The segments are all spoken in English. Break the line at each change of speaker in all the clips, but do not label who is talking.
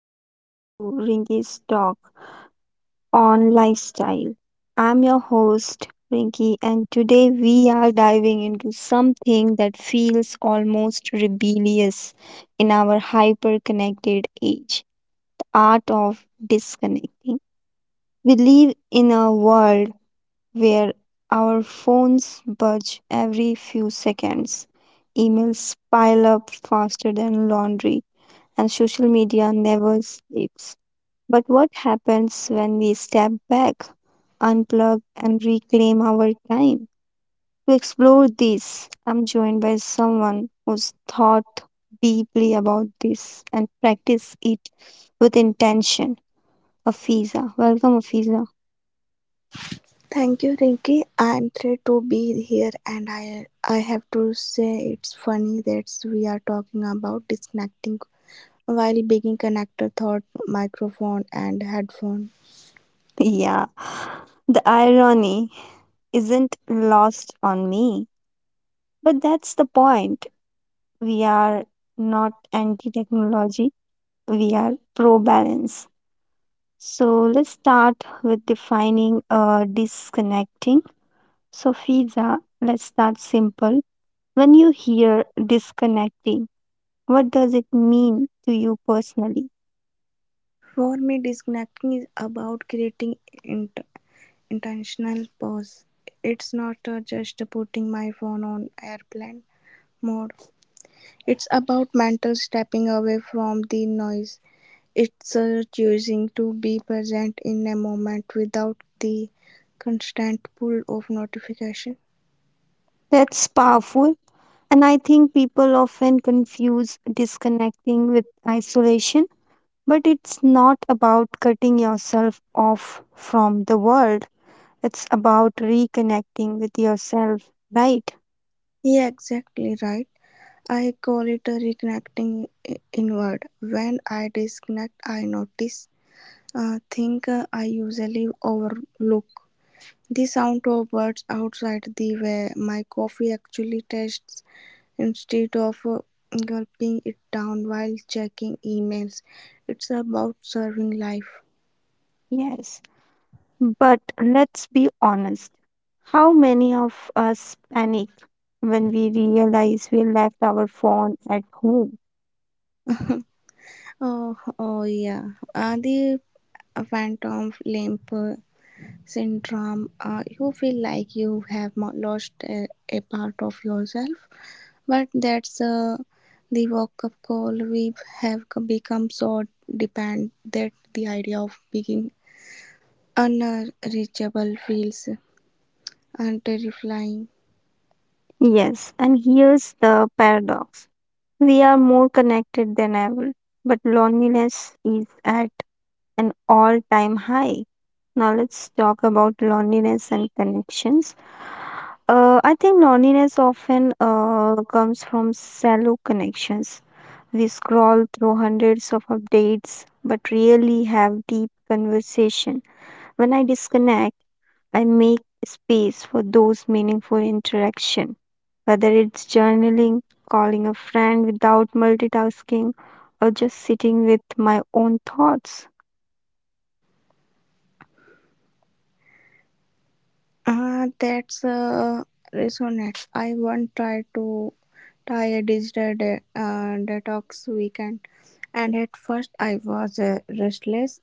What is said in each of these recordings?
and welcome to Rinky's Talk on Lifestyle. I'm your host, Rinky, and today we are diving into something that feels almost rebellious in our hyper connected age the art of disconnecting. We live in a world where our phones budge every few seconds, emails pile up faster than laundry, and social media never sleeps. But what happens when we step back, unplug, and reclaim our time? To explore this, I'm joined by someone who's thought deeply about this and practice it with intention. Afiza. Welcome, Afiza.
Thank you, Rinky. I'm thrilled to be here, and I have to say it's funny that we are talking about disconnecting while being connected thought microphone and headphone.
Yeah, the irony isn't lost on me, but that's the point. We are not anti technology, we are pro balance. So let's start with defining disconnecting. So, Fiza, let's start simple. When you hear disconnecting, what does it mean to you personally?
For me, disconnecting is about creating int- intentional pause. It's not just putting my phone on airplane mode. It's about mental stepping away from the noise. It's a choosing to be present in a moment without the constant pull of notification.
That's powerful. And I think people often confuse disconnecting with isolation, but it's not about cutting yourself off from the world. It's about reconnecting with yourself, right?
Yeah, exactly right. I call it a reconnecting inward. When I disconnect, I notice things I usually overlook. The sound of birds outside, the way my coffee actually tastes instead of gulping it down while checking emails. It's about serving life.
Yes. But let's be honest. How many of us panic when we realize we left our phone at home?
Oh yeah. The phantom limp syndrome. You feel like you have lost a part of yourself, but that's the wake-up call. We have become so dependent that the idea of being unreachable feels terrifying.
Yes, and here's the paradox we are more connected than ever, but loneliness is at an all time high. Now, let's talk about loneliness and connections. I think loneliness often comes from shallow connections. We scroll through hundreds of updates but rarely have deep conversation. When I disconnect, I make space for those meaningful interaction. Whether it's journaling, calling a friend without multitasking, or just sitting with my own thoughts.
Ah, that's Resonates. I once tried to Try a digital detox weekend, and at first I was restless,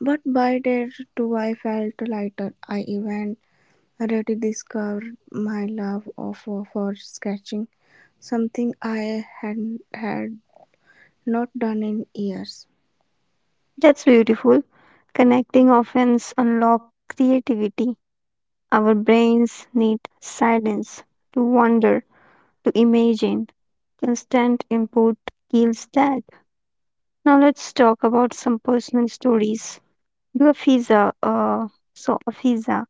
but by day two I felt lighter. I even rediscovered my love of for sketching, something I had not done in years.
That's beautiful. Connecting often unlocks creativity. Our brains need silence to wonder, to imagine. Constant input kills that. Now let's talk about some personal stories. You Afiza, uh, so Afiza,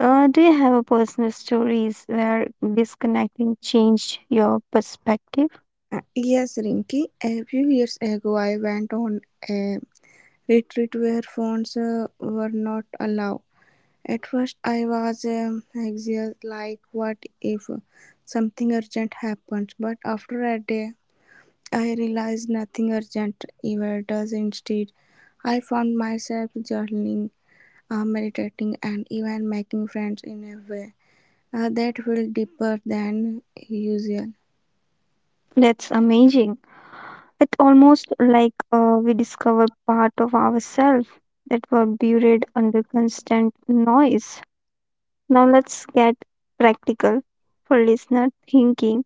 do you have a personal stories where disconnecting changed your perspective?
Yes, Rinky. A few years ago, I went on a retreat where phones were not allowed. At first I was anxious, like what if something urgent happens, but after a day I realized nothing urgent ever does. Instead, I found myself journaling, meditating, and even making friends in a way that felt deeper than usual.
That's amazing. It's almost like we discover part of ourselves that were buried under constant noise. Now let's get practical for listener thinking.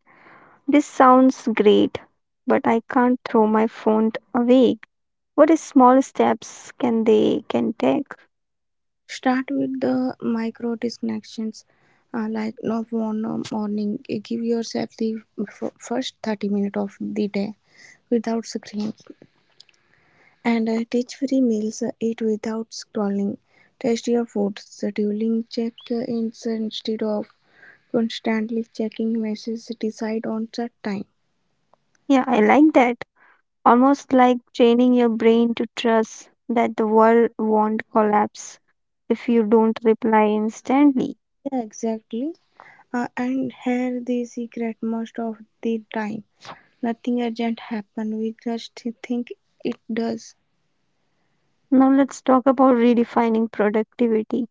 This sounds great, but I can't throw my phone away. What is small steps can they can take?
Start with the micro disconnections. Like no phone, no morning. Give yourself the first 30 minutes of the day without screens. And Teach free meals, eat without scrolling, test your food, scheduling check ins instead of constantly checking messages, decide on set time.
Yeah, I like that. Almost like training your brain to trust that the world won't collapse if you don't reply instantly.
Yeah, exactly. And here the secret most of the time. Nothing urgent happen. We just think it does.
Now let's talk about redefining productivity.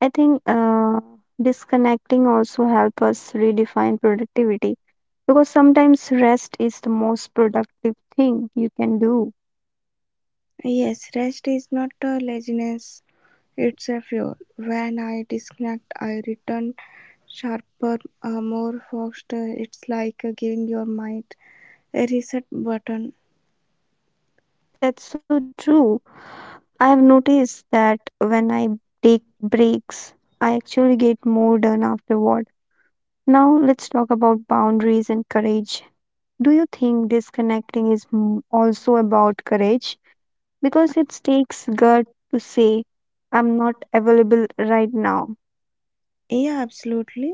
I think disconnecting also help us redefine productivity because sometimes rest is the most productive thing you can do.
Yes, rest is not a laziness. It's a fuel. When I disconnect, I return sharper, more focused. It's like giving your mind reset button.
That's so true. I have noticed that when I take breaks, I actually get more done afterward. Now, let's talk about boundaries and courage. Do you think disconnecting is also about courage? Because it takes gut to say, I'm not available right now.
Yeah, absolutely.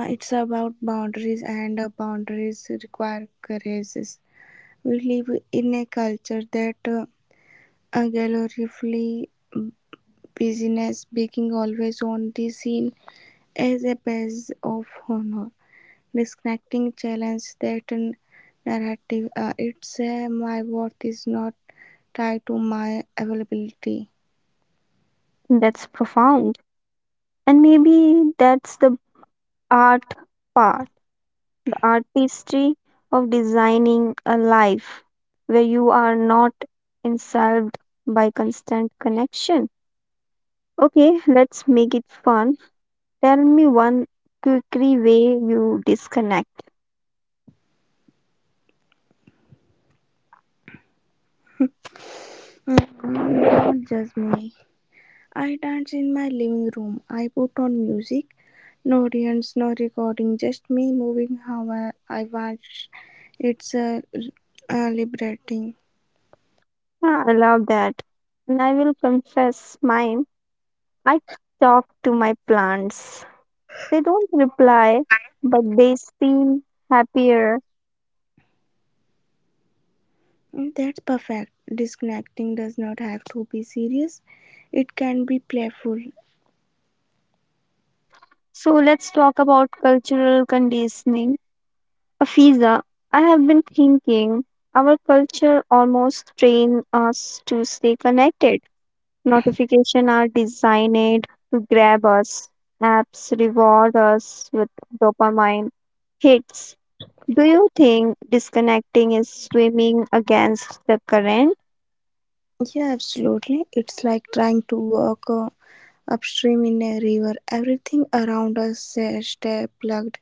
It's about boundaries, and boundaries require courage. We live in a culture that gloriously business being always on the scene as a badge of honor. Disconnecting challenge that narrative. It's My worth is not tied to my availability.
That's profound. And maybe that's the art part artistry of designing a life where you are not insulted by constant connection. Okay, let's make it fun. Tell me one quirky way you disconnect.
Don't judge me. I dance in my living room. I put on music. No audience, no recording, just me moving how I watch. It's liberating.
Ah, I love that. And I will confess mine. I talk to my plants. They don't reply, but they seem happier.
That's perfect. Disconnecting does not have to be serious, it can be playful.
So let's talk about cultural conditioning. Afiza, I have been thinking our culture almost train us to stay connected. Notifications are designed to grab us. Apps reward us with dopamine hits. Do you think disconnecting is swimming against the current?
Yeah, absolutely. It's like trying to walk upstream in a river. Everything around us stay plugged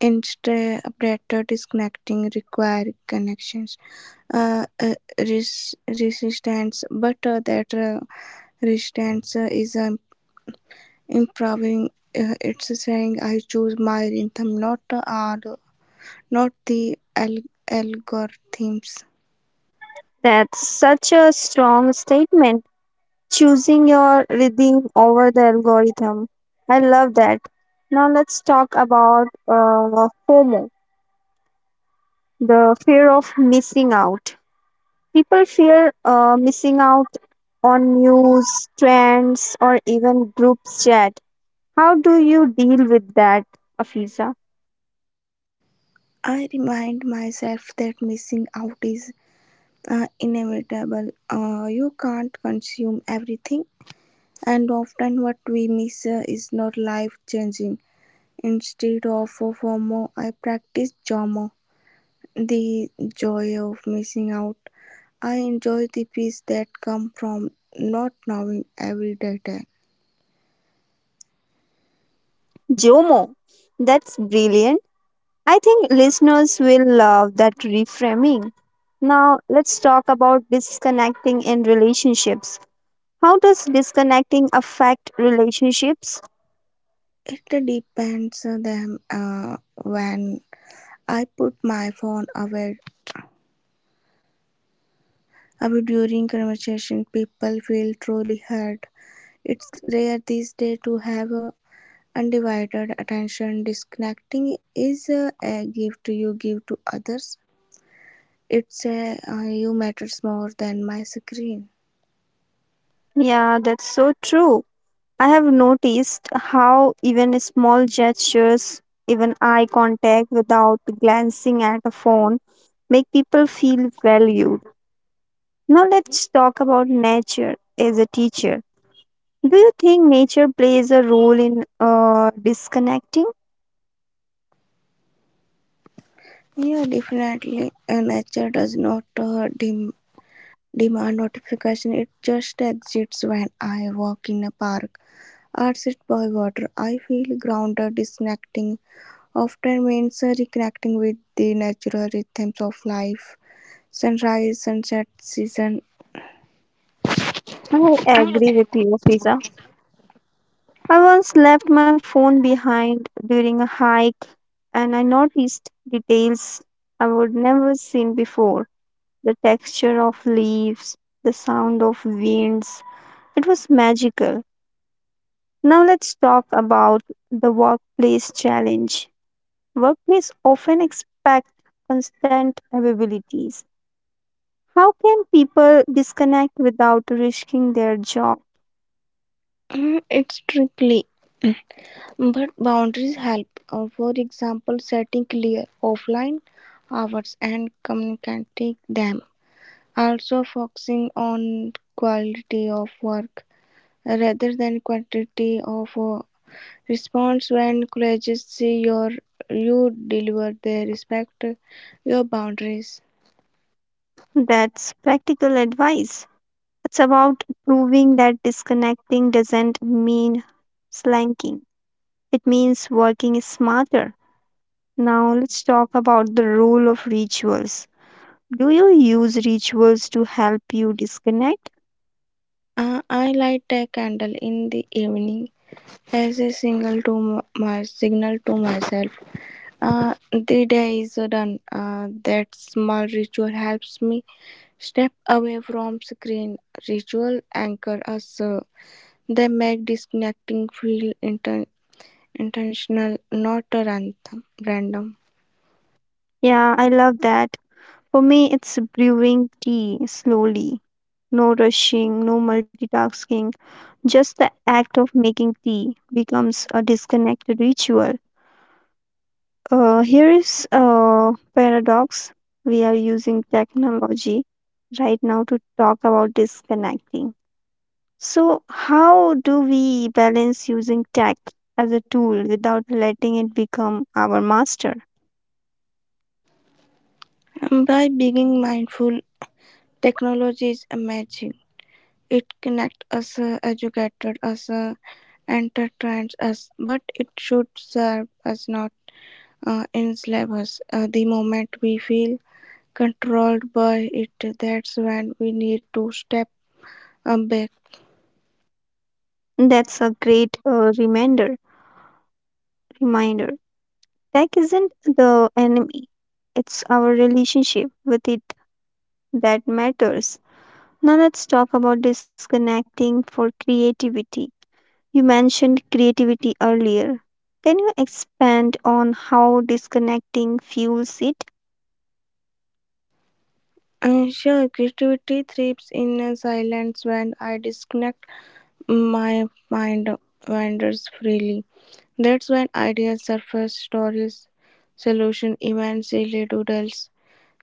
in, stay better. Disconnecting, require connections, resistance. But that resistance is improving. It's saying I choose my rhythm, not the algorithms.
That's such a strong statement. Choosing your rhythm over the algorithm. I love that. Now let's talk about FOMO, the fear of missing out. People fear missing out on news, trends, or even group chat. How do you deal with that, Afisa?
I remind myself that missing out is inevitable. You can't consume everything, and often what we miss is not life changing. Instead of FOMO, I practice JOMO, the joy of missing out. I enjoy the peace that comes from not knowing every detail.
Jomo, that's brilliant. I think listeners will love that reframing. Now, let's talk about disconnecting in relationships. How does disconnecting affect relationships?
It depends on them. When I put my phone away during conversation, people feel truly heard. It's rare these days to have undivided attention. Disconnecting is a gift you give to others. It's a you matters more than my screen.
Yeah, that's so true. I have noticed how even small gestures, even eye contact without glancing at a phone, make people feel valued. Now, let's talk about nature as a teacher. Do you think nature plays a role in disconnecting?
Yeah, definitely. Nature does not demand notification. It just exists. When I walk in a park arched by water, I feel grounded. Disconnecting often means reconnecting with the natural rhythms of life. Sunrise, sunset, season.
I agree with you, Fiza. I once left my phone behind during a hike and I noticed details I would never seen before: the texture of leaves, the sound of winds. It was magical. Now let's talk about the workplace challenge. Workplace often expect constant availabilities. How can people disconnect without risking their job?
It's tricky, but boundaries help. For example, setting clear offline hours and communicating them. Also, focusing on quality of work rather than quantity of response. When colleges see your you deliver, they respect your boundaries.
That's practical advice. It's about proving that disconnecting doesn't mean slanking. It means working smarter. Now let's talk about the role of rituals. Do you use rituals to help you disconnect?
I light a candle in the evening as a signal to my signal to myself. The day is done. That small ritual helps me step away from screen. Ritual anchor us. They make disconnecting feel intentional, not random.
Yeah, I love that. For me, it's brewing tea slowly. No rushing, no multitasking. Just the act of making tea becomes a disconnected ritual. Here is a paradox. We are using technology right now to talk about disconnecting. So, how do we balance using tech as a tool without letting it become our master?
By being mindful. Technology is amazing. It connects us, educates us, entertains us, but it should serve us, not enslave us. The moment we feel controlled by it, that's when we need to step back.
That's a great reminder. Tech isn't the enemy. It's our relationship with it that matters. Now let's talk about disconnecting for creativity. You mentioned creativity earlier. Can you expand on how disconnecting fuels it?
Sure, creativity thrives in silence. When I disconnect, my mind wanders freely. That's when ideas surface, stories, solution, events, silly doodles.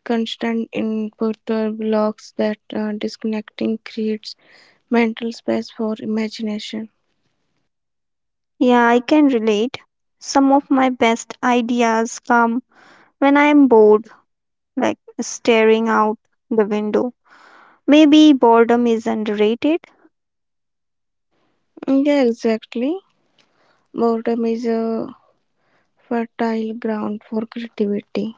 Constant input blocks that. Disconnecting creates mental space for imagination.
Yeah, I can relate. Some of my best ideas come when I am bored, like staring out the window. Maybe boredom is underrated.
Yeah, exactly. Boredom is a fertile ground for creativity.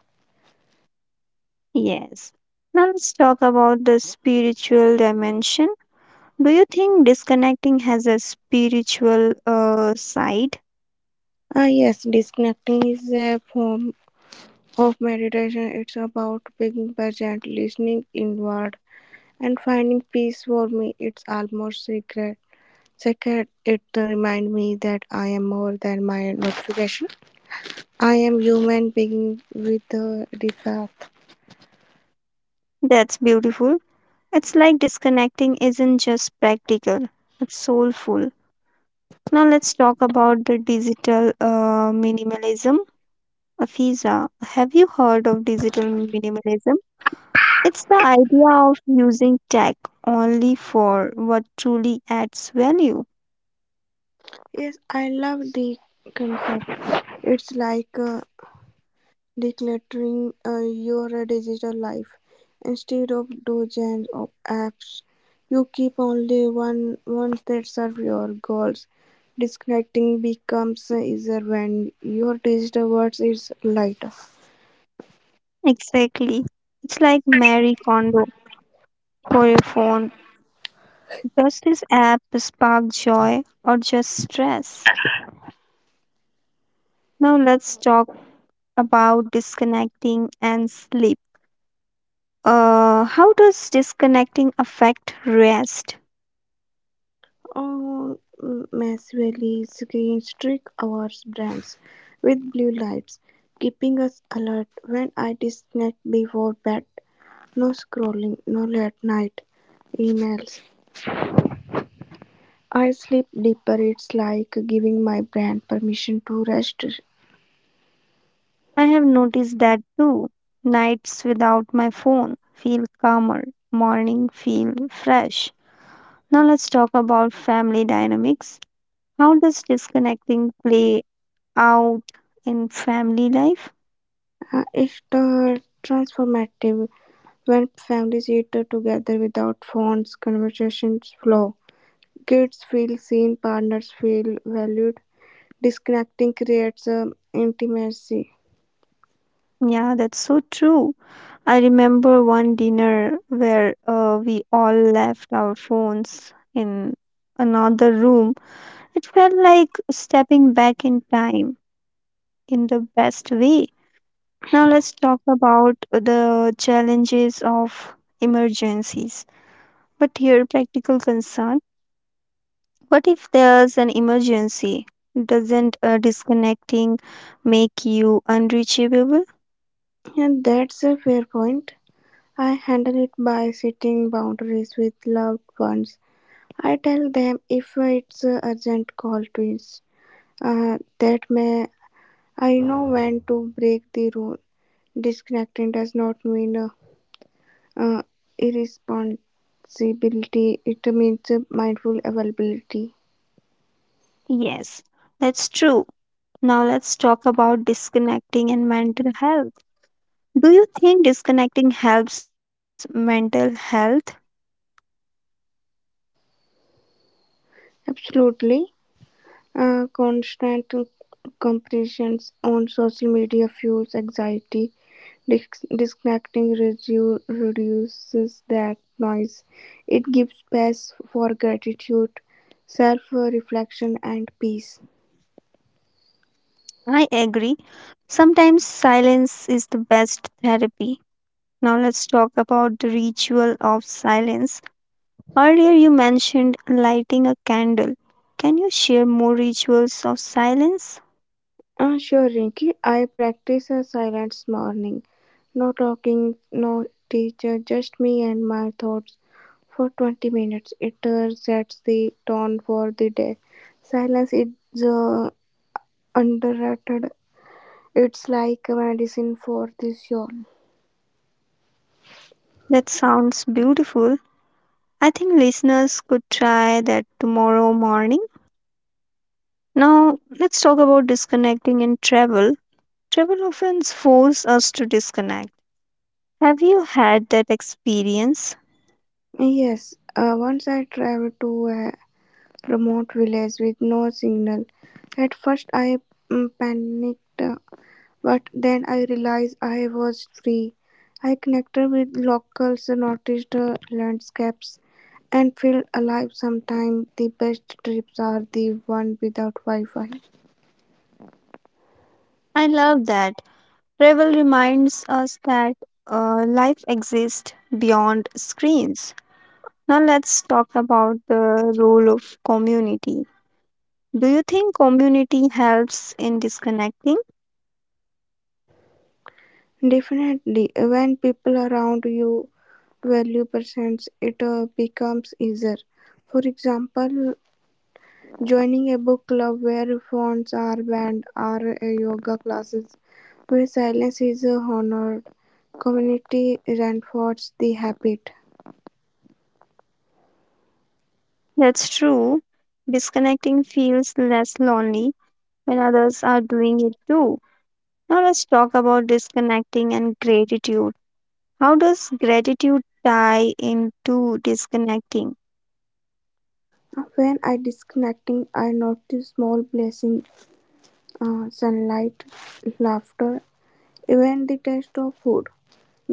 Yes. Now let's talk about the spiritual dimension. Do you think disconnecting has a spiritual side?
Ah, yes, disconnecting is a form of meditation. It's about being present, listening inward, and finding peace. For me, it's almost sacred. Sacred, it reminds me that I am more than my notification. I am human being with a defect.
That's beautiful. It's like disconnecting isn't just practical, it's soulful. Now let's talk about the digital minimalism. Afiza, have you heard of digital minimalism? It's the idea of using tech only for what truly adds value.
Yes, I love the concept. It's like decluttering your digital life. Instead of dozens of apps, you keep only one ones that serve your goals. Disconnecting becomes easier when your digital world is lighter.
Exactly. It's like Marie Kondo for your phone. Does this app spark joy or just stress? Now let's talk about disconnecting and sleep. How does disconnecting affect rest?
Or massively, screen streak our brains with blue lights, keeping us alert. When I disconnect before bed, no scrolling, no late night emails, I sleep deeper. It's like giving my brain permission to rest.
I have noticed that too. Nights without my phone feel calmer, morning feel fresh. Now let's talk about family dynamics. How does disconnecting play out in family life?
It's Transformative. When families eat together without phones, conversations flow. Kids feel seen, partners feel valued, disconnecting creates intimacy.
Yeah, that's so true. I remember one dinner where we all left our phones in another room. It felt like stepping back in time in the best way. Now let's talk about the challenges of emergencies. But here, practical concern. What if there's an emergency? Doesn't disconnecting make you unreachable?
And that's a fair point. I handle it by setting boundaries with loved ones. I tell them if it's an urgent call to is, uh, that may, I know when to break the rule. Disconnecting does not mean uh, irresponsibility. It means mindful availability.
Yes, that's true. Now let's talk about disconnecting and mental health. Do you think disconnecting helps mental health?
Absolutely. Constant comparisons on social media fuels anxiety. Disconnecting reduces that noise; it gives space for gratitude, self-reflection, and peace.
I agree. Sometimes silence is the best therapy. Now let's talk about the ritual of silence. Earlier you mentioned lighting a candle. Can you share more rituals of silence?
Sure, Rinky. I practice a silence morning. No talking, no teacher, just me and my thoughts for 20 minutes. It sets the tone for the day. Silence is underrated. It's like a medicine for the soul.
That sounds beautiful. I think listeners could try that tomorrow morning. Now let's talk about disconnecting and travel. Travel often forces us to disconnect. Have you had that experience?
Yes, once I traveled to a remote village with no signal. At first, I panicked, but then I realized I was free. I connected with locals, noticed the landscapes, and felt alive. Sometimes the best trips are the one without Wi Fi.
I love that. Travel reminds us that life exists beyond screens. Now let's talk about the role of community. Do you think community helps in disconnecting?
Definitely. When people around you value percents, it becomes easier. For example, joining a book club where phones are banned or yoga classes where silence is honored. Community reinforces the habit.
That's true. Disconnecting feels less lonely when others are doing it too. Now let's talk about disconnecting and gratitude. How does gratitude tie into disconnecting?
When I disconnecting, I notice small blessings, sunlight, laughter, even the taste of food.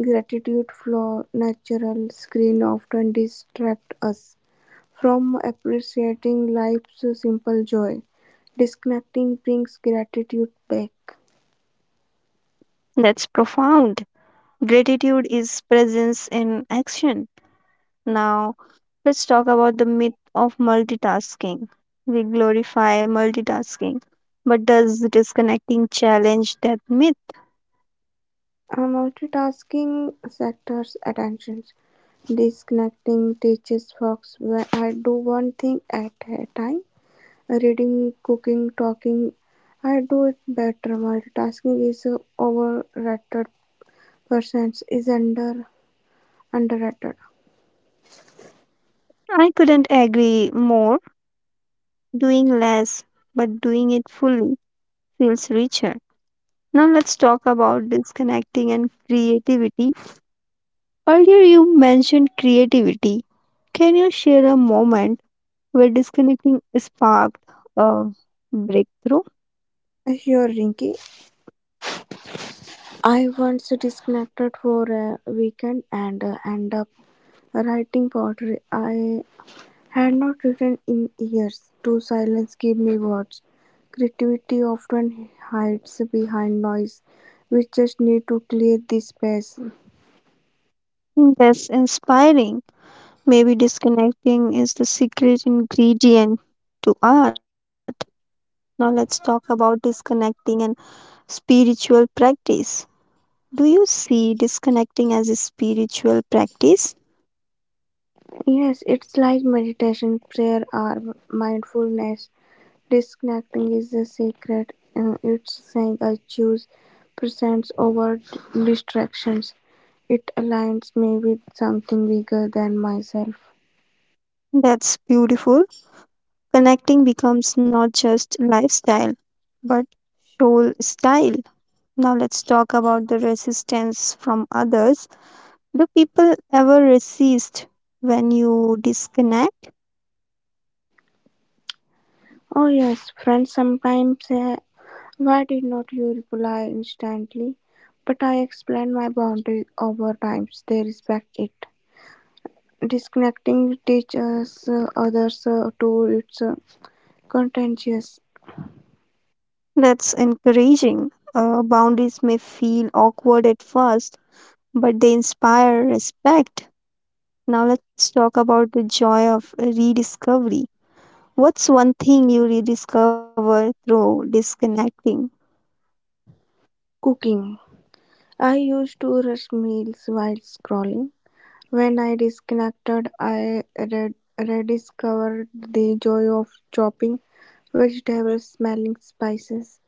Gratitude for natural screen often distract us from appreciating life's simple joy. Disconnecting brings gratitude back.
That's profound. Gratitude is presence in action. Now, let's talk about the myth of multitasking. We glorify multitasking, but does disconnecting challenge that myth?
Multitasking sectors attentions. Disconnecting teaches Fox where I do one thing at a time. Reading, cooking, talking. I do it better. Multitasking is overrated. Percents is underrated.
I couldn't agree more. Doing less, but doing it fully feels richer. Now, let's talk about disconnecting and creativity. Earlier, you mentioned creativity. Can you share a moment where disconnecting sparked a breakthrough?
Sure, Rinky. I once disconnected for a weekend and end up writing poetry. I had not written in years, to silence gave me words. Creativity often hides behind noise. We just need to clear the space.
That's inspiring. Maybe disconnecting is the secret ingredient to art. Now let's talk about disconnecting and spiritual practice. Do you see disconnecting as a spiritual practice?
Yes, it's like meditation, prayer, or mindfulness. Disconnecting is a sacred. It's saying I choose presence over distractions. It aligns me with something bigger than myself.
That's beautiful. Connecting becomes not just lifestyle, but soul style. Now let's talk about the resistance from others. Do people ever resist when you disconnect?
Oh, yes, friends sometimes. Why did not you reply instantly? But I explained my boundary over times. They respect it. Disconnecting teaches others to its contentious
That's encouraging. Boundaries may feel awkward at first, but they inspire respect. Now, let's talk about the joy of rediscovery. What's one thing you rediscover through disconnecting?
cooking. I used to rush meals while scrolling. When I disconnected, I rediscovered the joy of chopping vegetables, smelling spices,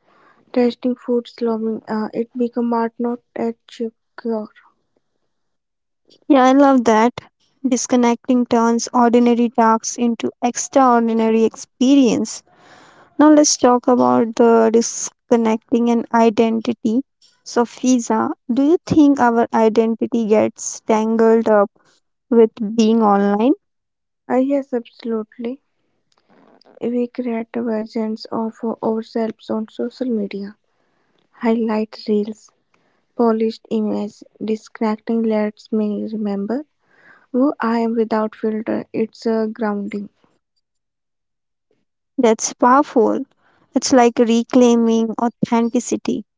tasting food slowly. It became art, not a chore.
Yeah, I love that. Disconnecting turns ordinary tasks into extraordinary experience. Now let's talk about the disconnecting and identity. So Fiza, do you think our identity gets tangled up with being online?
Yes, absolutely. We create versions of ourselves on social media, highlight reels, polished images, distracting lets me remember who I am without filter. It's grounding.
That's powerful. It's like reclaiming authenticity.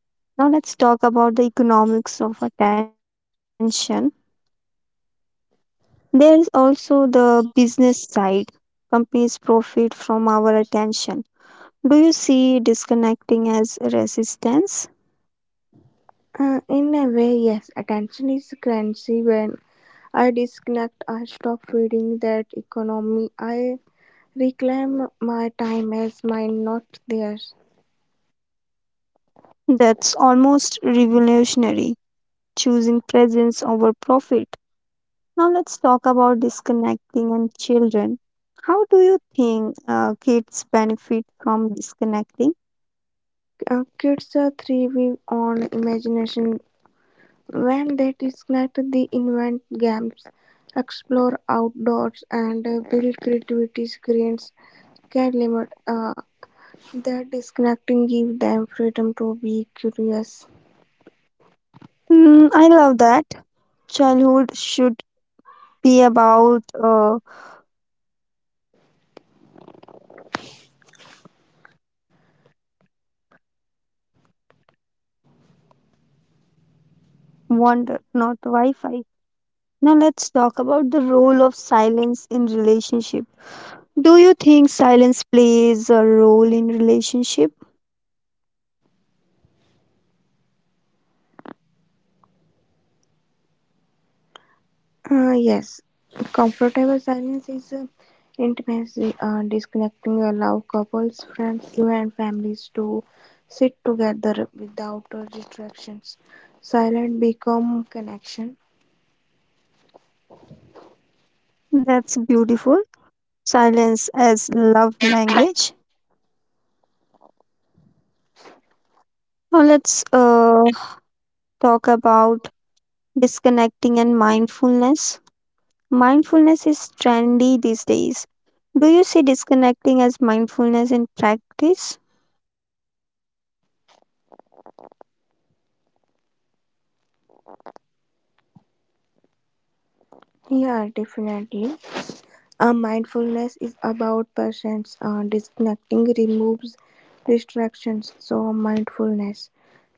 Now let's talk about the economics of attention. There is also the business side. Companies profit from our attention. Do you see disconnecting as resistance?
In a way, yes, attention is currency. When I disconnect, I stop feeding that economy. I reclaim my time as mine, not theirs.
That's almost revolutionary choosing presence over profit. Now let's talk about disconnecting and children. How do you think kids benefit from disconnecting?
Kids are thriving on imagination. When they disconnect, they invent games, explore outdoors, and build creativity screens can limit. Their disconnecting give them freedom to be curious.
Mm, I love that. Childhood should be about wonder, not Wi Fi. Now let's talk about the role of silence in relationship. Do you think silence plays a role in relationship?
Yes, comfortable silence is intimacy. Disconnecting allow couples, friends, and families to sit together without distractions. Silent become connection.
That's beautiful. Silence as love language. Now let's talk about disconnecting and mindfulness. Mindfulness is trendy these days. Do you see disconnecting as mindfulness in practice?
Yeah, definitely. Mindfulness is about presence. Disconnecting removes distractions, so mindfulness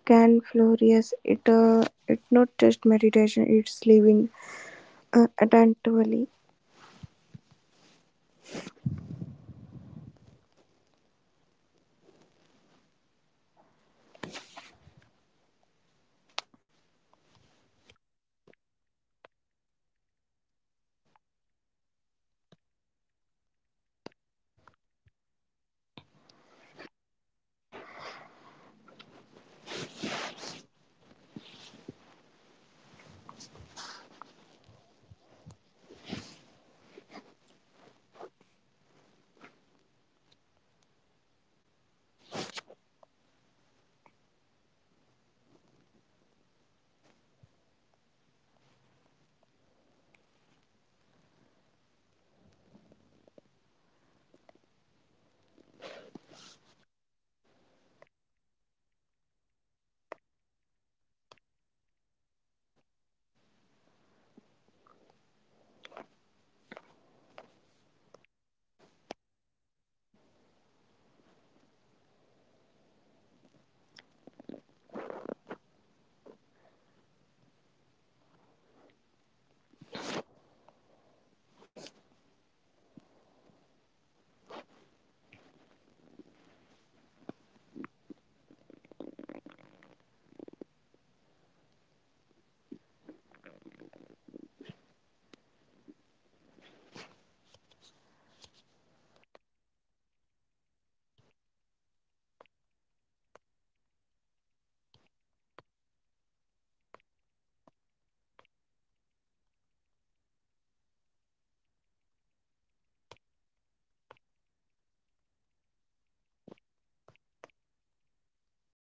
can flourish. It's not just meditation; it's living attentively.
Yes, so mindfulness is about presence. Disconnecting removes distraction, so mindfulness can flourish. It's not just meditation, it's living attentively. So, disconnecting is mindfulness in action, right, Afiza? So, guys, Afiza, she's facing some technical issue. So it's this time, it's time to wrap up this episode. So we have journeyed through identity, joy, resilience, even humor. This has been extraordinary. So thank you, Afiza, and thank you to everyone listening. Remember, disconnecting isn't about less, it's about more. More presence, more joy, more life. This has been a lifestyle. And this is Rinky's Talk. I am Rinky with me, Afiza, reminding you stay connected to what matters and don't be afraid to disconnect from what doesn't. So, I'm your host, signing off for today. Until next episode, stay tuned with us.